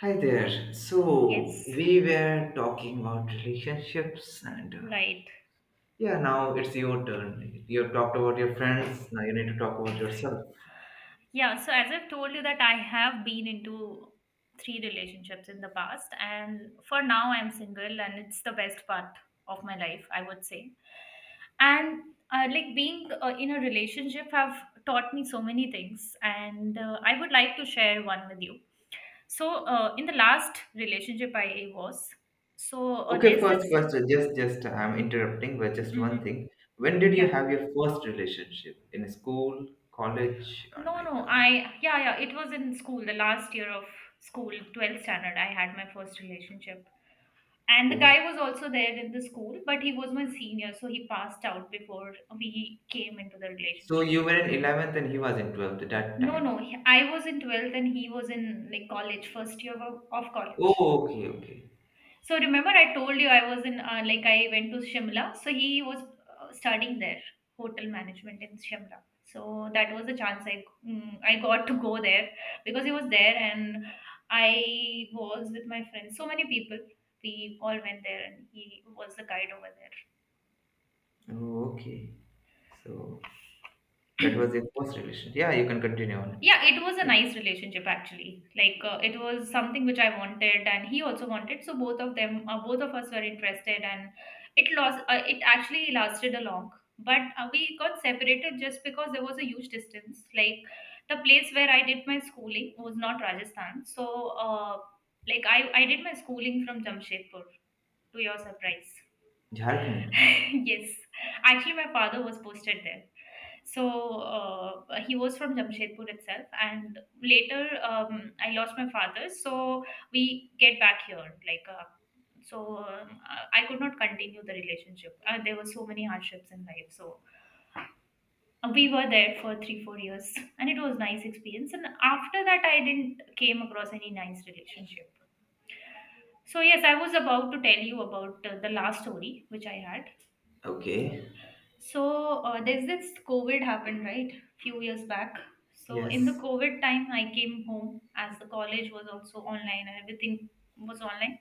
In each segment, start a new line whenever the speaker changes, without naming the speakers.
Hi there. So
Yes,
we were talking about relationships, and
right.
yeah, now it's your turn. You have talked about your friends. Now you need to talk about yourself.
Yeah, so as I've told you that I have been into three relationships in the past, and for now I'm single and it's the best part of my life, I would say. And like being in a relationship have taught me so many things, and I would like to share one with you. So in the last relationship I was,
Okay,
there's this
first question. Just I'm interrupting, but just one
Mhm.
thing. When did you
Yeah.
have your first relationship? In school, college, or
No,
like?
no,
Uh,
yeah, yeah, it was in school, the last year of school, 12th standard, I had my first relationship. And the
oh.
guy was also there in the school, but he was my senior, so he passed out before we came into the
So
relationship.
you were in 11th, and he was in 12th at that
No, no,
time.
I was in 12th and he was in like college, first year of
Oh,
college.
okay, okay,
So remember, I told you I was in like I went to Shimla. So he was studying there, hotel management in Shimla. So that was the chance I got to go there because he was there, and I was with my friends. So many people. We all went there and he was the guide over there.
oh, okay. So that was your first relationship. Yeah, you can continue on.
Yeah, it was a nice relationship actually. Like it was something which I wanted, and he also wanted. So both of us were interested, and it lost. It actually lasted a long, but we got separated just because there was a huge distance. Like the place where I did my schooling was not Rajasthan, so uh, like I did my schooling from Jamshedpur. To your surprise,
Jharkhand.
yes, actually my father was posted there, so uh, he was from Jamshedpur itself, and later um, I lost my father, so we get back here like so I could not continue the relationship. Uh, there were so many hardships in life, so we were there for 3 4 years and it was nice experience, and after that I didn't came across any nice relationship. So yes, I was about to tell you about the last story which I had.
Okay.
So there's this COVID happened, right? Few years back. So in the
Yes.
COVID time, I came home as the college was also online and everything was online.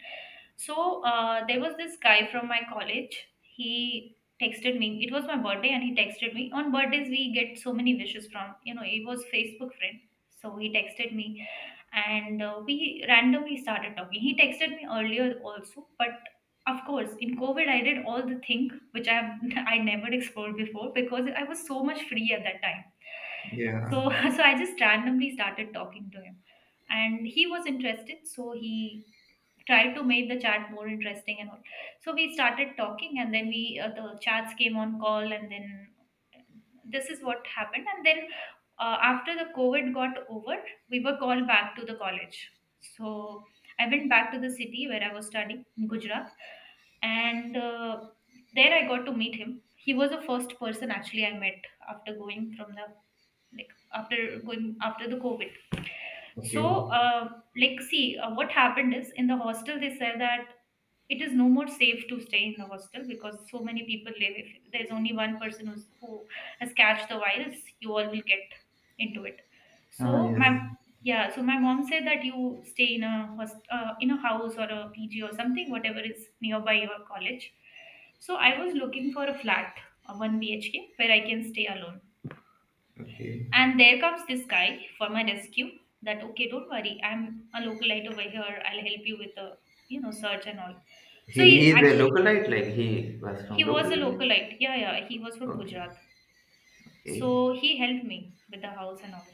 So there was this guy from my college. He texted me. It was my birthday, and he texted me. On birthdays, we get so many wishes from. He was Facebook friend, so he texted me, and we randomly started talking. He texted me earlier also, but of course, in COVID, I did all the thing which I have I never explored before because I was so much free at that time.
Yeah.
So so I just randomly started talking to him, and he was interested. So he try to make the chat more interesting and all. So we started talking, and then we the chats came on call, and then this is what happened. And then after the COVID got over, we were called back to the college. So I went back to the city where I was studying in Gujarat, and there I got to meet him. He was the first person actually I met after going from the like after going after the COVID.
Okay.
So, like, see, what happened is in the hostel they said that it is no more safe to stay in the hostel because so many people live. If there's only one person who has catched the virus, you all will get into it.
Ah,
So
yes.
my yeah, so my mom said that you stay in a in a house or a pg or something whatever is nearby your college. So I was looking for a flat, a 1 bhk where I can stay alone.
Okay.
And there comes this guy for my rescue that, okay, don't worry, I'm a localite over here, I'll help you with the you know search and all.
He,
So
he
he
is a
actually
localite, like he was from
he was
local
a
area.
localite. Yeah, yeah. He was from
Okay.
Gujarat.
Okay.
So he helped me with the house and all.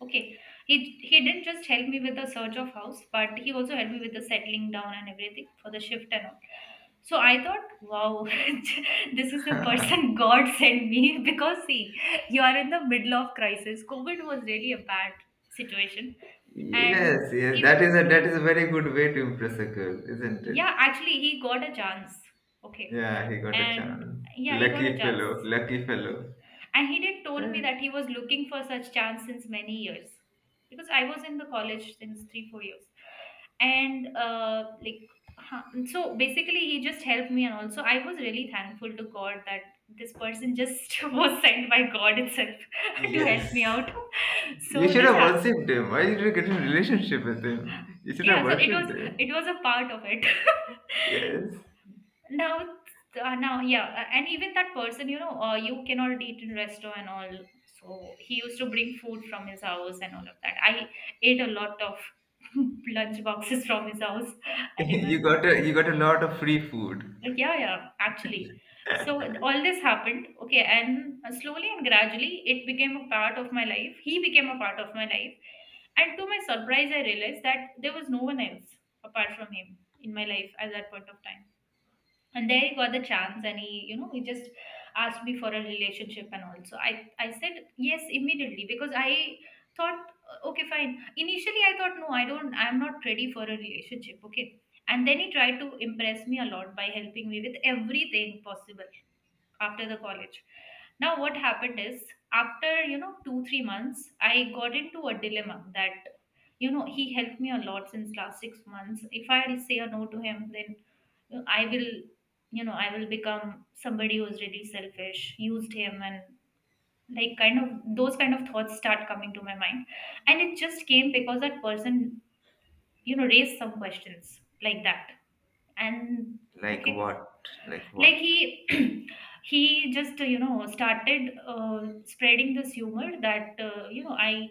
Okay. He he didn't just help me with the search of house, but he also helped me with the settling down and everything for the shift and all. So I thought, wow, this is the
yes.
person God sent me, because see, you are in the middle of crisis. COVID was really a bad situation,
Yes.
and
That is a that is
even
a very good way to impress a girl, isn't it?
yeah, actually he got a chance. Okay,
Yeah. He got a
and
chance.
yeah, he got a
Lucky
chance.
fellow. Lucky fellow.
And he did told me that he was looking for such chance since many years, because I was in the college since 3 4 years, and like huh, so basically he just helped me, and also I was really thankful to God that this person just was sent by God itself to
Yes.
help me out.
You
So
should
this
have
happened.
worshipped him. Why did you get in a relationship with him? You should have
Yeah, so
worshipped him.
it was a part of it.
Yes.
Now now yeah and even that person, you know, you cannot eat in restaurant and all, so he used to bring food from his house and all of that. I ate a lot of lunch boxes from his house, I
you
remember.
got a you got a lot of free food.
Like yeah, yeah, actually, so all this happened, okay. And slowly and gradually, it became a part of my life. He became a part of my life. And to my surprise, I realized that there was no one else apart from him in my life at that point of time. And there he got the chance, and he, you know, he just asked me for a relationship. And also I said yes immediately because I thought okay, fine. Initially I thought no, I don't, I'm not ready for a relationship. Okay, and then he tried to impress me a lot by helping me with everything possible after the college. Now, what happened is after you know 2 3 months, I got into a dilemma that, you know, he helped me a lot since last 6 months. If I'll say a no to him, then, you know, I will you know I will become somebody who's really selfish. Used him, and like kind of those kind of thoughts start coming to my mind, and it just came because that person, you know, raised some questions like that and.
Like
Okay,
what? Like
like
what?
he he just you know started spreading this humor that, you know, I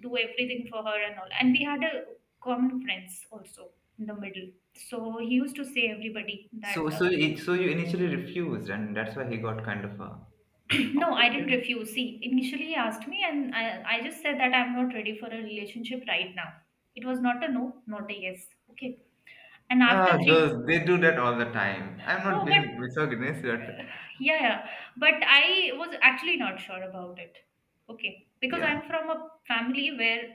do everything for her and all. And we had a common friends also in the middle, so he used to say everybody that
So, so, it, so you initially refused, and that's why he got kind of
no, I didn't
offended.
refuse. See, initially he asked me, and I just said that I'm not ready for a relationship right now. It was not a no, not a yes. Okay, and after
Ah,
three
girls, they do that all the time. I'm not
no
being
but.
misogynist, but
Yeah, yeah. But I was actually not sure about it. Okay. Because
yeah,
I'm from a family where,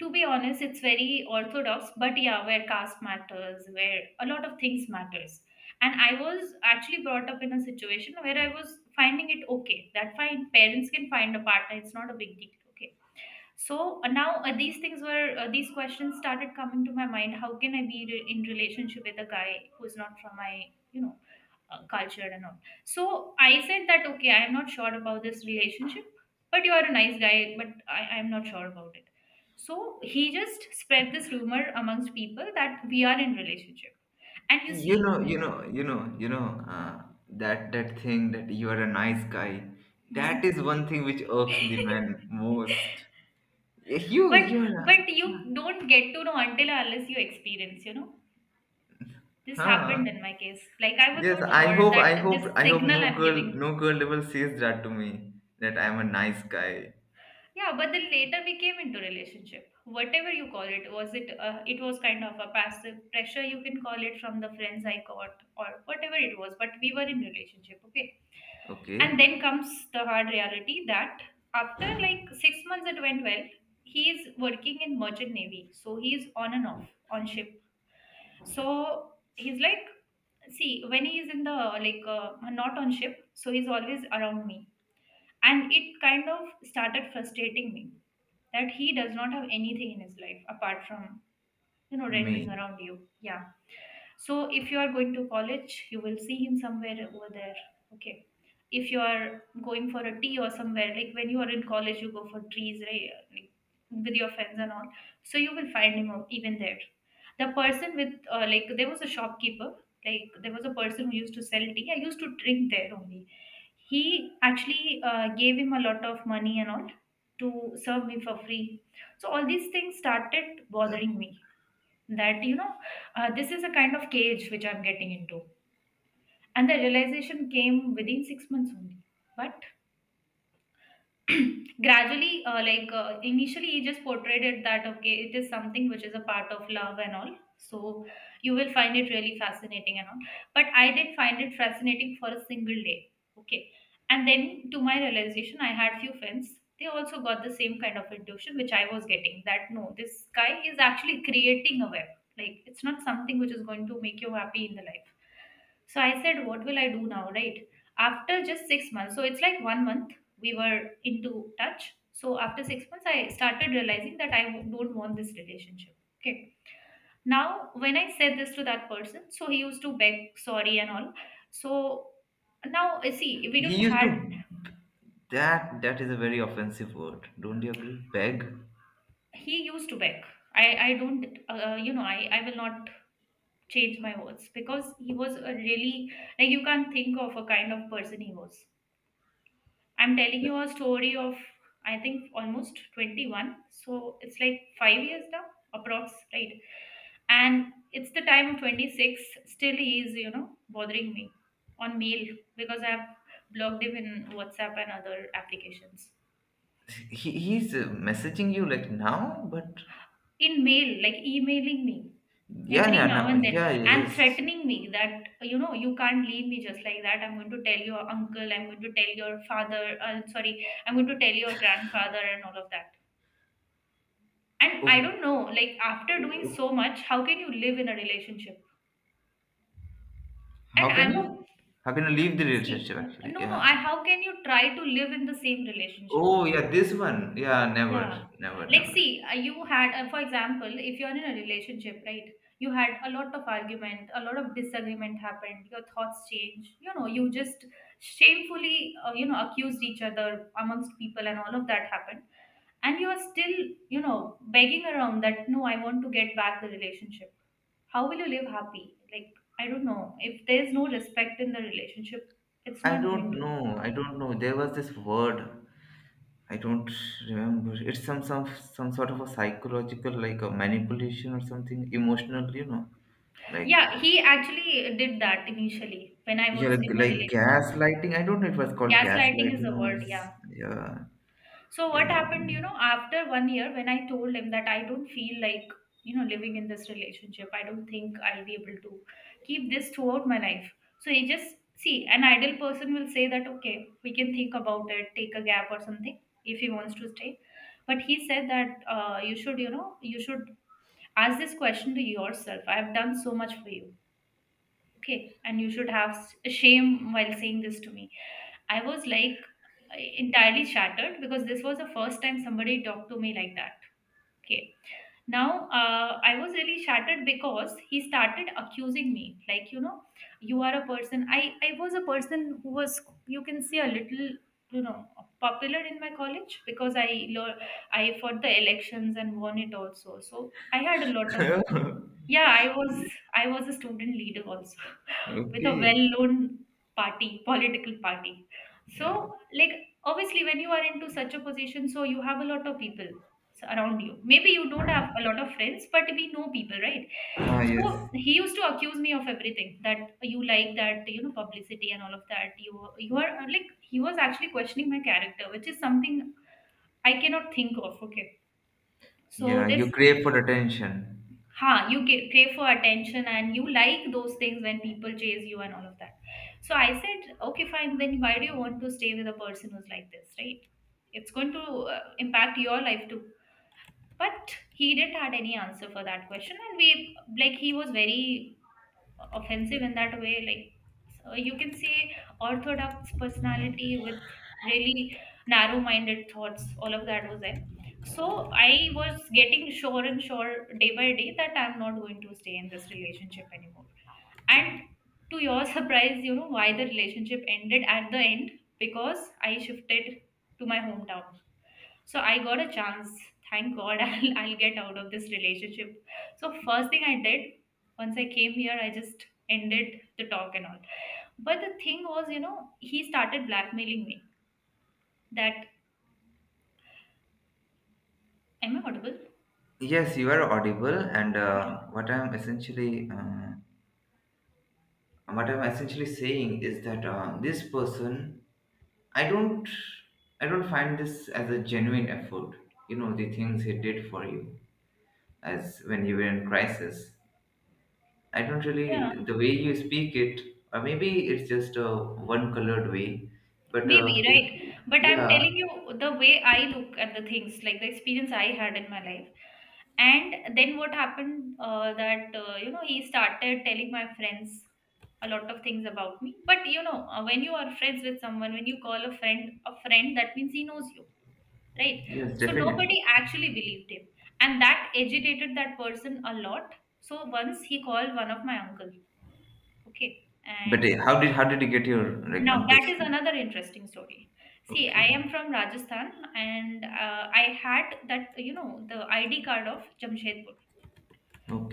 to be honest, it's very orthodox, but yeah, where caste matters, where a lot of things matters. And I was actually brought up in a situation where I was finding it okay. That fine, parents can find a partner, it's not a big deal. Okay, so now these things were these questions started coming to my mind, how can I be in relationship with a guy who's not from my you know culture and all. So I said that okay, I am not sure about this relationship, but you are a nice guy, but I am not sure about it. So he just spread this rumor amongst people that we are in relationship. And you
you
see
know, you know, you know, you know, that thing that you are a nice guy. That is
hmm?
one thing which irks the men most. Yeah, You,
But
you are,
you
yeah,
don't get to know until or unless you experience, you know. This
huh?
happened in my case. Like I was
Yes,
not
I
sure
hope,
that
I hope,
this
I hope
signal
no
I'm
girl,
giving.
no girl ever says that to me. That I'm a nice guy.
Yeah, but then later we came into relationship. Whatever you call it, was it? It was kind of a passive pressure you can call it, from the friends I got or whatever it was. But we were in relationship, okay. And
Okay,
then comes the hard reality that after like 6 months it went well. He is working in merchant navy, so he is on and off on ship, so he's like, see, when he is in the not on ship, so he's always around me. And it kind of started frustrating me that he does not have anything in his life apart from, you know, rendering
me.
around you yeah. So if you are going to college, you will see him somewhere over there. Okay. If you are going for a tea or somewhere, like when you are in college, you go for trees, right? Like with your friends and all. So you will find him out even there. The person with, like, there was a shopkeeper, like, there was a person who used to sell tea. I used to drink there only. He actually gave him a lot of money and all to serve me for free. So all these things started bothering me that this is a kind of cage which I'm getting into, and the realization came within 6 months only, but gradually, initially he just portrayed it that okay, it is something which is a part of love and all, so you will find it really fascinating and all. But I did find it fascinating for a single day. Okay. And then, to my realization, I had few friends. They also got the same kind of intuition which I was getting, that no, this guy is actually creating a web. Like, it's not something which is going to make you happy in the life. So I said, what will I do now, right? After just 6 months. So it's like one month we were into touch. So after 6 months, I started realizing that I don't want this relationship. Okay. Now, when I said this to that person, so he used to beg sorry and all. So now, see, we
He
don't
used
had,
to. That is a very offensive word. Don't you agree? Beg.
he used to beg. I don't, I will not change my words, because he was a really, like, you can't think of a kind of person he was. I'm telling you a story of I think almost 21. So it's like 5 years now, approx, right? And it's the time of 26. Still, he is, you know, bothering me on mail, because I've blocked him in WhatsApp and other applications.
He's messaging you like now, but
In mail, like emailing me
yeah,
every
yeah,
now
now,
and then
yeah, yeah,
and
yes.
threatening me that, you know, you can't leave me just like that. I'm going to tell your uncle, I'm going to tell your father, sorry, I'm going to tell your grandfather and all of that. And I
Oh,
don't know, like, after doing
oh,
so much, how can you live in a relationship? And
how can
I'm a,
you? How can you leave the
see,
relationship? Actually,
no no
yeah.
I how can you try to live in the same relationship?
Oh, yeah, this one. Yeah,
Yeah.
never, never,
Like,
never.
see, you had, for example, if you're in a relationship, right? You had a lot of argument, a lot of disagreement happened. Your thoughts changed. You know, you just shamefully, you know, accused each other amongst people, and all of that happened. And you are still, you know, begging around that no, I want to get back the relationship. How will you live happy? Like, I don't know. If there's no respect in the relationship, it's
I
not going
don't
to.
know. I don't know. There was this word. I don't remember. It's some sort of a psychological, like a manipulation or something emotional. You know, like.
Yeah, he actually did that initially when I
You're
was
like,
in the
like
relationship.
gaslighting. I don't know. It was called
Gaslighting is
gaslighting
the
or
word, yeah.
yeah,
So what
yeah. I
happened, you know, after one year, when I told him that I don't feel like, you know, living in this relationship. I don't think I'll be able to keep this throughout my life. So he just, see, an ideal person will say that okay, we can think about it, take a gap or something if he wants to stay. But he said that, you should, you know, you should ask this question to yourself. I have done so much for you, okay, and you should have shame while saying this to me. I was like entirely shattered, because this was the first time somebody talked to me like that. Okay. Now, I was really shattered because he started accusing me, like, you know, you are a person. I was a person who was, you can say, a little, you know, popular in my college, because lo- I fought the elections and won it also. So I had a lot of,
think.
yeah, I was, I was a student leader also, with a
okay.
well-known party, political party.
Yeah.
So, like, obviously when you are into such a position, so you have a lot of people around you. Maybe you don't have a lot of friends, but we know people, right?
Ah,
So
yes.
he used to accuse me of everything, that you like that, you know, publicity and all of that. You are like, he was actually questioning my character, which is something I cannot think of. Okay. So
Yeah.
this,
You crave for attention.
huh, you crave for attention, and you like those things when people chase you and all of that. So I said, okay, fine, then why do you want to stay with a person who's like this, right? It's going to, impact your life too. But he didn't had any answer for that question. And we, like, he was very offensive in that way, like, so you can say orthodox personality with really narrow minded thoughts, all of that was there. So I was getting sure and sure, day by day, that I'm not going to stay in this relationship anymore. And, to your surprise, you know why the relationship ended at the end? Because I shifted to my hometown. So I got a chance, thank god, I'll get out of this relationship. So first thing I did, once I came here, I just ended the talk and all. But the thing was, you know, he started blackmailing me that, am I audible?
Yes, you are audible, and
Yeah,
what I'm essentially uh, what I'm essentially saying is that this person, I don't, I don't find this as a genuine effort. You know the things he did for you, as when you were in crisis. I don't
yeah.
really the way you speak it, or maybe it's just a one-colored way, but
Maybe,
if,
right? But I'm
yeah,
telling you the way I look at the things, like the experience I had in my life. And then what happened, that, you know, he started telling my friends a lot of things about me. But, you know, when you are friends with someone, when you call a friend, that means he knows you, right?
yes,
So
definitely.
nobody actually believed him. And that agitated that person a lot. So once he called one of my uncle, okay,
But
and.
how did you get your, like,
Now, that
uncle's?
is another interesting story. See, I
Okay,
am from Rajasthan, and I had that, you know, the ID card of Jamshedpur.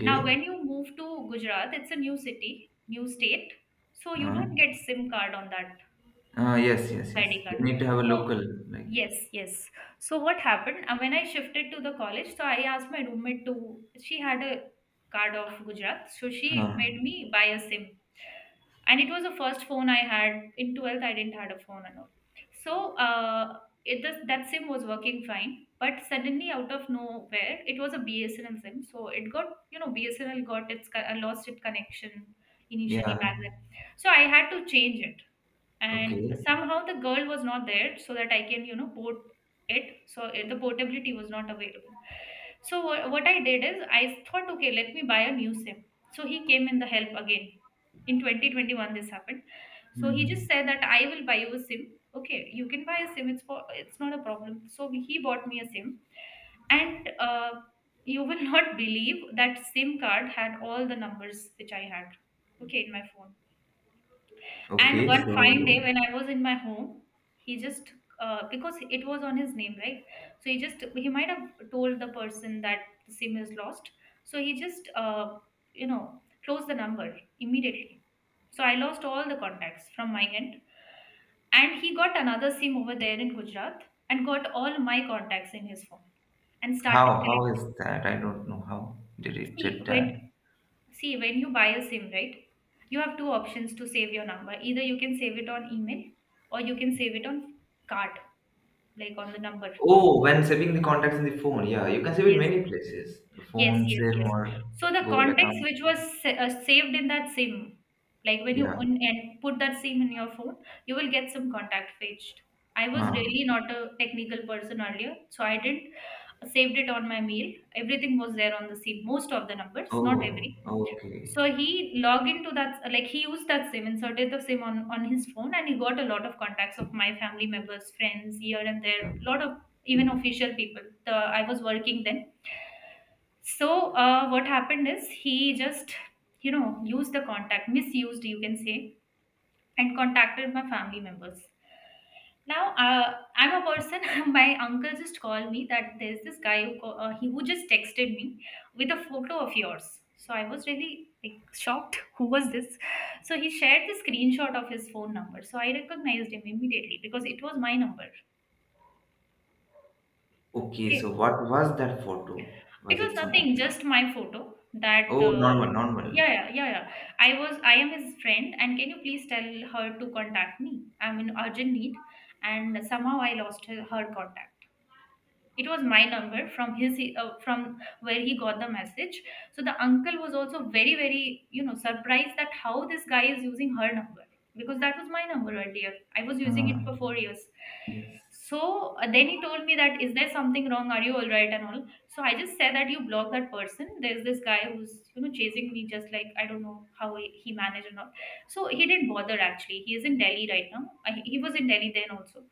Now, when you move to Gujarat, it's a new city, new state. So you
huh?
don't get SIM card on that
Yes,
previous
yes, yes.
ID
You
card.
need to have a
So,
local like,
yes, yes. So what happened? When I shifted to the college, so I asked my roommate to, she had a card of Gujarat. So she
huh?
made me buy a SIM, and it was the first phone I had in 12th. I didn't had a phone and all. So it just, that sim was working fine, but suddenly out of nowhere, it was a BSNL sim, so it got, you know, BSNL got its lost its connection initially
Yeah,
back then. So I had to change it, and
okay,
somehow the girl was not there, so that I can, you know, port it. So it, the portability was not available. So what I did is, I thought, okay, let me buy a new sim. So he came in the help again. In 2021 this happened. So he just
hmm.
said that I will buy you a sim. Okay, you can buy a sim, it's for, it's not a problem. So he bought me a sim. And you will not believe, that sim card had all the numbers which I had, okay, in my phone. And
Okay.
one fine day
So
when I was in my home, he just, because it was on his name, right? So he just, he might have told the person that the SIM is lost. So he just, you know, closed the number immediately. So I lost all the contacts from my end, and he got another SIM over there in Gujarat, and got all my contacts in his phone and started
how
collecting.
is that? I don't know how did it
See,
did that.
when, see, when you buy a SIM, right, you have two options to save your number. Either you can save it on email, or you can save it on card, like on the number.
Oh, when saving the contacts in the phone, yeah, you can save it
Yes,
many places. The
yes,
phone,
yes,
save
yes.
or
So the
Google
context
account.
which was saved in that SIM, like when you
Yeah.
and put that SIM in your phone, you will get some contact fetched. I was
Huh.
really not a technical person earlier, so I didn't saved it on my mail. Everything was there on the SIM, most of the numbers, not
Oh,
every.
okay.
So he logged into that, like he used that SIM, inserted the SIM on his phone, and he got a lot of contacts of my family members, friends here and there, lot of even official people. The, I was working then. So what happened is, he just, you know, used the contact, misused, you can say, and contacted my family members. Now, I'm a person. My uncle just called me that there's this guy who call, he who just texted me with a photo of yours. So I was really like shocked. Who was this? So he shared the screenshot of his phone number. So I recognized him immediately because it was my number.
Okay, so
Okay,
what was that photo?
it
Was
was
it some
nothing,
office?
just my photo that
Oh, normal, normal.
yeah, yeah, yeah, yeah. I am his friend, and can you please tell her to contact me? I'm in urgent need, and somehow I lost her contact. It was my number from from where he got the message. So the uncle was also very, very, you know, surprised that how this guy is using her number because that was my number earlier. I was using
Uh,
it for 4 years.
yes.
So then he told me that is there something wrong? Are you all right and all? So I just said that you block that person. There's this guy who's, you know, chasing me just like I don't know how he managed and all. So he didn't bother actually. He is in Delhi right now. He was in Delhi then also,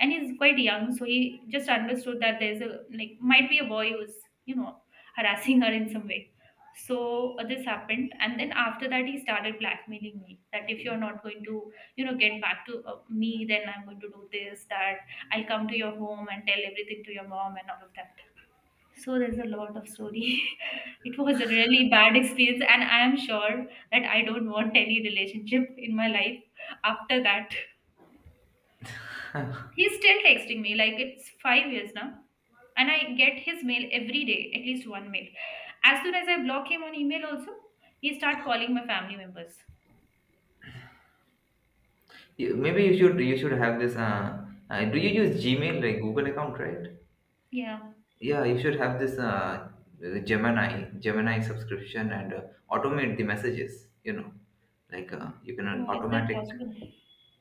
and he's quite young. So he just understood that there's a like might be a boy who's, you know, harassing her in some way. So this happened, and then after that he started blackmailing me that if you're not going to, you know, get back to me, then I'm going to do this that I'll come to your home and tell everything to your mom and all of that. So there's a lot of story. It was a really bad experience, and I am sure that I don't want any relationship in my life after that. He's still texting me like it's 5 years now, and I get his mail every day, at least one mail. As soon as I block him on email, also he start calling my family members.
Maybe you should have this. Do you use Gmail, like Google account, right?
Yeah.
Yeah, you should have this Gemini subscription and automate the messages. Like, you can
Oh, is that
automatic.
possible?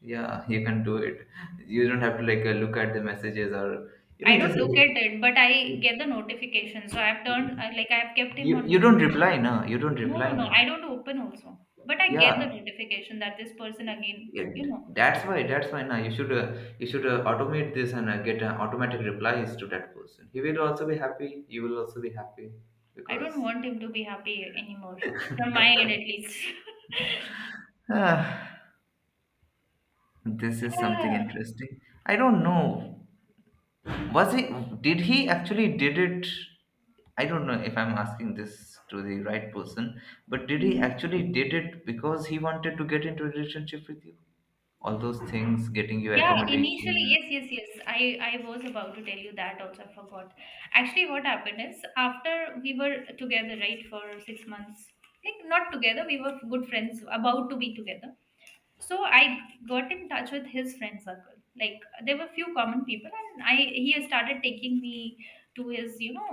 Yeah, you can do it. You don't have to, like, look at the messages, or
I
just
don't look at it, but I get the notification. So I've I've kept him
you
on
you don't
mute.
reply now. You don't
No, no,
reply
no.
now.
I don't open also. But I get the
Yeah,
notification that this person again, you
it,
know,
that's why now you should automate this and get automatic replies to that person. He will also be happy. You will also be happy
I don't
because.
want him to be happy anymore. From my end at least.
Ah, this is something
Ah,
interesting. I don't know. Was he? Did he actually did it? I don't know if I'm asking this to the right person, but did he
mm.
actually did it because he wanted to get into a relationship with you? All those things, getting you
Yeah, initially,
accommodation.
yes, yes, yes. I was about to tell you that also. I forgot. Actually, what happened is after we were together, right, for 6 months. Like not together, we were good friends, about to be together. So I got in touch with his friend circle. Like there were few common people and I he has started taking me to his, you know,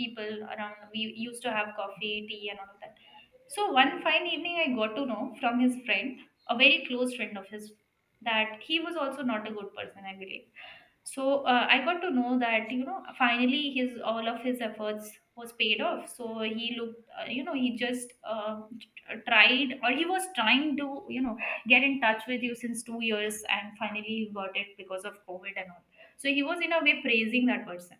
people around. We used to have coffee, tea and all of that. So one fine evening I got to know from his friend, a very close friend of his, that he was also not a good person, I believe. So I got to know that, you know, finally his, all of his efforts was paid off. So he looked, you know, he just tried or he was trying to, you know, get in touch with you since 2 years and finally he got it because of covid and all. So he was in a way praising that person.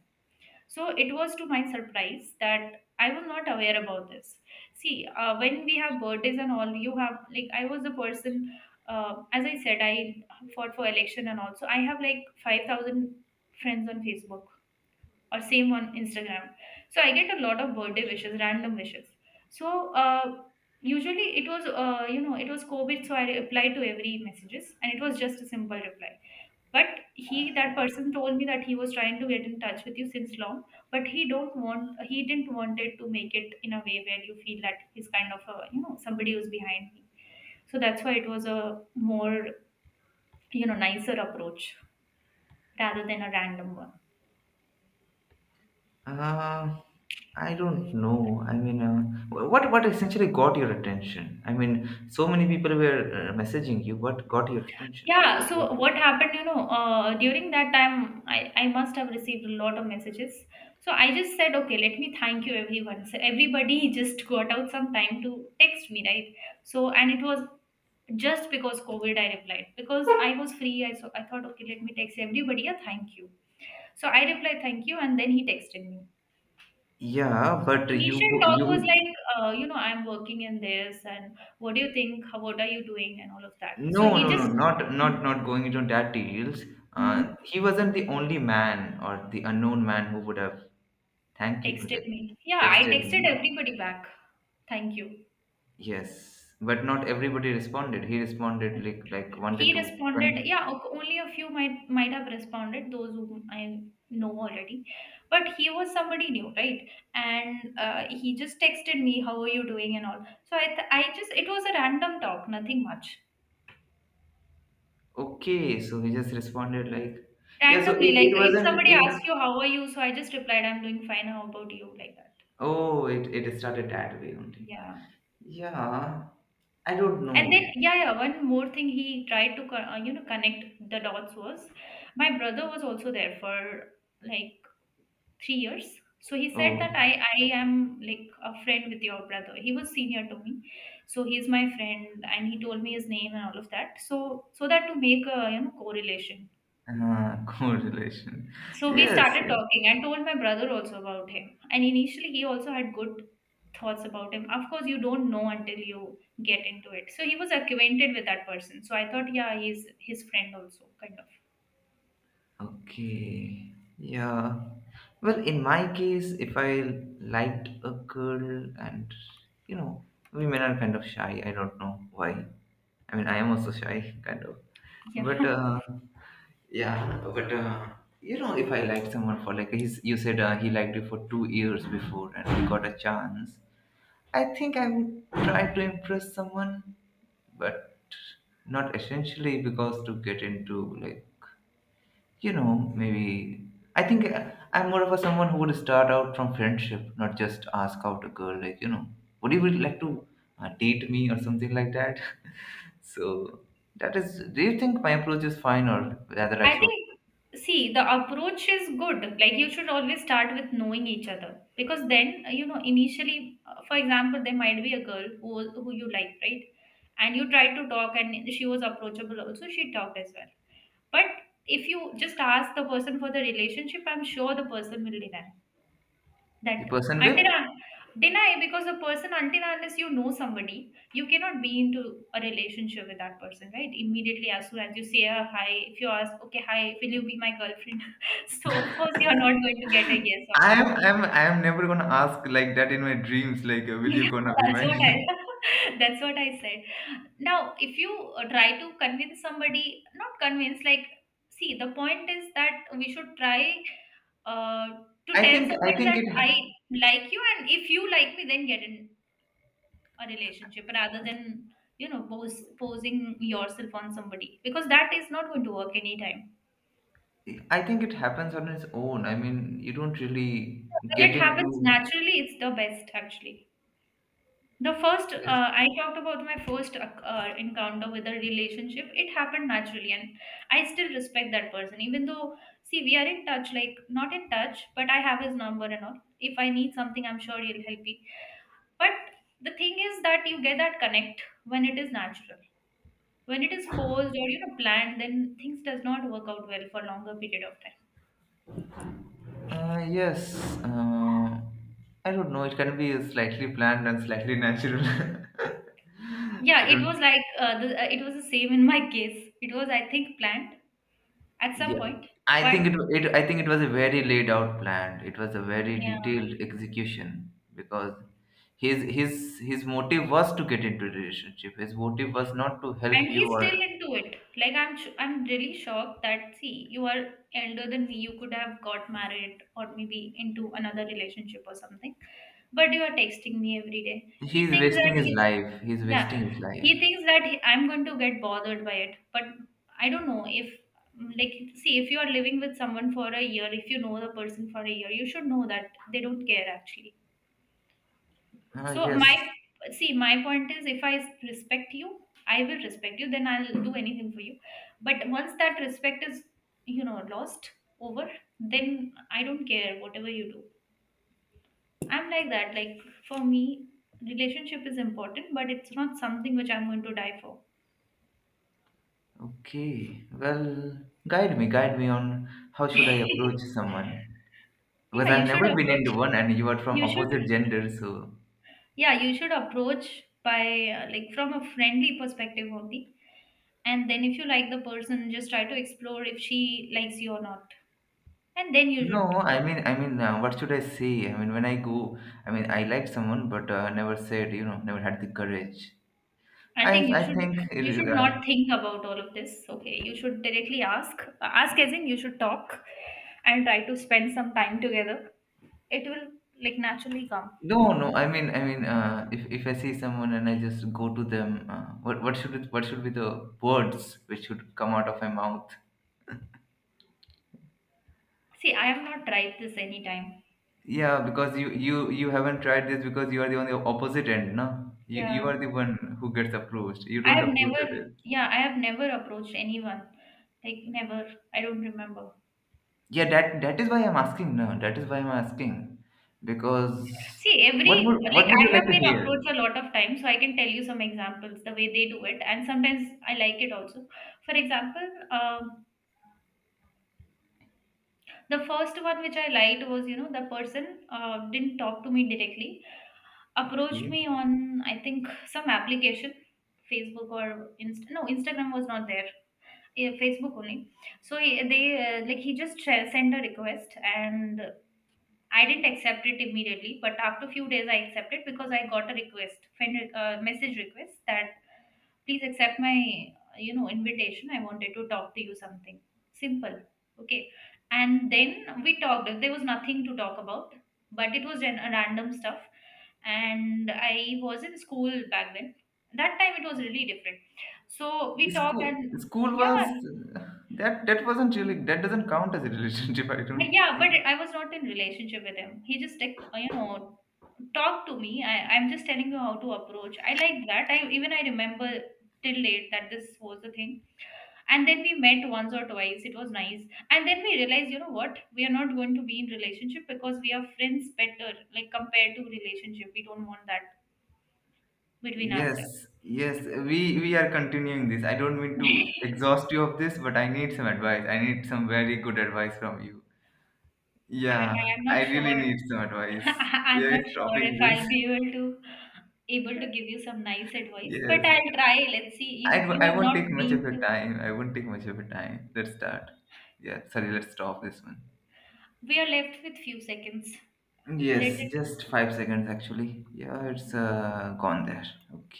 So it was to my surprise that I was not aware about this. See, when we have birthdays and all, you have like I was the person. As I said, I fought for election and also I have like 5,000 friends on Facebook or same on Instagram. So I get a lot of birthday wishes, random wishes. So usually it was, you know, it was COVID, so I replied to every messages, and it was just a simple reply. But that person told me that he was trying to get in touch with you since long, but he didn't want it to make it in a way where you feel that he's kind of a, you know, somebody who's behind me. So that's why it was a more, you know, nicer approach rather than a random one.
Uh, I don't know. I mean, what essentially got your attention? I mean, so many people were messaging you. What got your attention to
Yeah,
reply
so
to?
what
Him?
happened, you know, during that time, I must have received a lot of messages. So I just said, okay, let me thank you, everyone. So everybody just got out some time to text me, right? So, and it was just because COVID, I replied. Because I was free, so I thought, okay, let me text everybody a thank you. So I replied, thank you, and then he texted me.
Yeah,
So
but you
initial
go-
talk was
you
like, you know, I'm working in this, and what do you think? How, what are you doing? And all of that. So
no,
he
no, no,
just,
not not not going into that details.
mhm.
He wasn't the only man or the unknown man who would have thank you
Texted
like
me. Yeah, I
texted
texted
me.
everybody back. Thank you.
Yes, but not everybody responded. He responded like wanted
He
to
responded,
con-.
yeah, only a few might have responded, those whom I know already. But he was somebody new, right? And he just texted me, how are you doing and all. So I just, it was a random talk, nothing much.
Okay, so he just responded like yeah. So
Randomly,
it,
like
it
if
wasn't
somebody
it.
asks you, how are you? So I just replied, I'm doing fine. How about you? Like that.
Oh, it started that way only.
Yeah.
Yeah, I don't
And then,
know.
yeah, yeah, one more thing he tried to, you know, connect the dots was my brother was also there for like 3 years. So he said that
Oh,
I am like a friend with your brother. He was senior to me. So he's my friend and he told me his name and all of that. So that to make a, you know, correlation.
correlation.
So we
Yes,
started
yes.
talking and told my brother also about him. And initially, he also had good thoughts about him. Of course, you don't know until you get into it. So he was acquainted with that person. So I thought, yeah, he's his friend also, kind of.
Okay. Yeah. Well, in my case, if I liked a girl and, you know, women are kind of shy. I don't know why. I mean, I am also shy, kind of. But,
Yeah.
yeah, but, if I liked someone for, like, you said he liked you for 2 years before and we got a chance, I think I would try to impress someone, but not essentially because to get into, like, maybe I think, I'm more of a someone who would start out from friendship, not just ask out a girl. Like, would you really like to date me or something like that? so that is. Do you think my approach is fine, or rather, I
I
should
think, see, the approach is good. Like, you should always start with knowing each other. Because then, you know, initially, for example, there might be a girl who you like, right? And you tried to talk, and she was approachable also. She talked as well. But if you just ask the person for the relationship, I'm sure the person will deny
the
that.
person will?
Deny because the person, until unless you know somebody, you cannot be into a relationship with that person, right? Immediately as soon as you say a hi, if you ask, okay, hi, will you be my girlfriend? So of course you're not going to get a yes on
I'm
that.
I'm I'm never gonna ask like that in my dreams. Like, will you
Yeah,
gonna be
that's
my?
what I, that's what I said. Now, if you try to convince somebody, not convince, like see, the point is that we should try uh, to
I
tell
think I
somebody
think
that
it ha-
I like you, and if you like me, then get in a relationship rather than, you know, posing yourself on somebody because that is not going to work anytime.
I think it happens on its own. I mean, you don't really
When
get
it happens
into
naturally, it's the best actually. The first, uh,
yes.
I talked about my first encounter with a relationship. It happened naturally, and I still respect that person. Even though, see, we are in touch, like not in touch, but I have his number and all. If I need something, I'm sure he'll help me. But the thing is that you get that connect when it is natural. When it is forced or you know planned, then things does not work out well for longer period of time.
Yes, I don't know. It can be slightly planned and slightly natural. I
Yeah, it was
don't.
like it was the same in my case. It was, I think, planned at some
Yeah,
point,
I
but
think it. I think it was a very laid out plan. It was a very
yeah.
detailed execution because his motive was to get into a relationship. His motive was not to help
And he's
you
still
or
into it. Like I'm really shocked that see, you are elder than me. You could have got married or maybe into another relationship or something, but you are texting me every day.
he
He
is
thinks
wasting
that
his
he's,
life. He is
yeah.
wasting his life.
He thinks that I'm going to get bothered by it. But I don't know if, like, see if you are living with someone for a year, if you know the person for a year, you should know that they don't care actually.
Ah,
So my,
yes.
see, my point is if I respect you, I will respect you, then I'll do anything for you. But once that respect is, you know, lost over, then I don't care whatever you do. I'm like that. Like for me, relationship is important, but it's not something which I'm going to die for.
Okay. Well, guide me. Guide me on how should I approach someone.
Yeah,
Because
you
I've
should
never been
approach.
into one, and you are from
You should,
opposite gender, so
yeah, you should approach by like from a friendly perspective only. And then if you like the person, just try to explore if she likes you or not. And then you should,
no. I mean, what should I say? I mean, when I go, I mean, I like someone, but never said, never had the courage.
I
I,
think
I think it
you
is.
should not
Uh,
think about all of this. Okay, you should directly ask, ask as in you should talk and try to spend some time together. It will, like, naturally come.
no, no. I mean, if I see someone and I just go to them, what should be the words which should come out of my mouth?
See, I have not tried this anytime.
Yeah, because you haven't tried this because you are the on the opposite end, no? You
Yeah,
are the one who gets approached. You
I
don't
have
approach
never,
others.
yeah, I have never approached anyone, like, never. I don't remember.
Yeah, that is why I'm asking. No, that is why I'm asking because
See, every,
what would what
like,
would
I
you like
have
to
been
hear?
approached a lot of times, so I can tell you some examples the way they do it, and sometimes I like it also. For example, um the first one which I liked was, you know, the person didn't talk to me directly, approached
Okay.
me on, I think, some application, Facebook or no, Instagram was not there, yeah, Facebook only. So he just sent a request and I didn't accept it immediately, but after few days I accepted because I got a message request that please accept my, you know, invitation. I wanted to talk to you something simple. Okay, and then we talked. There was nothing to talk about, but it was an, a random stuff. And I was in school back then. That time it was really different. So we talked
School
and
school
yeah,
was that that wasn't really that doesn't count as a relationship. I don't
yeah,
think.
but I was not in relationship with him. He just, like, you know, talked to me. I'm just telling you how to approach. I like that. I remember till late that this was the thing. And then we met once or twice. It was nice. And then we realized, you know what, we are not going to be in relationship because we are friends better, like compared to relationship. We don't want that between
Yes,
ourselves.
yes. We are continuing this. I don't mean to exhaust you of this, but I need some advice. I need some very good advice from you. Yeah,
I am
I
not
really
sure.
need some advice. We
I'm
are
not sure
stopping
if
this.
I'll be able to give you some nice advice, but
Yes.
I'll try. Let's see. You
I
have
won't
not
take much of
been
your
to,
time. I won't take much of your time. Let's start. Yeah, sorry, let's stop this one.
we are left with few seconds. Let
Yes,
it.
just 5 seconds actually. Yeah, it's gone there. Okay.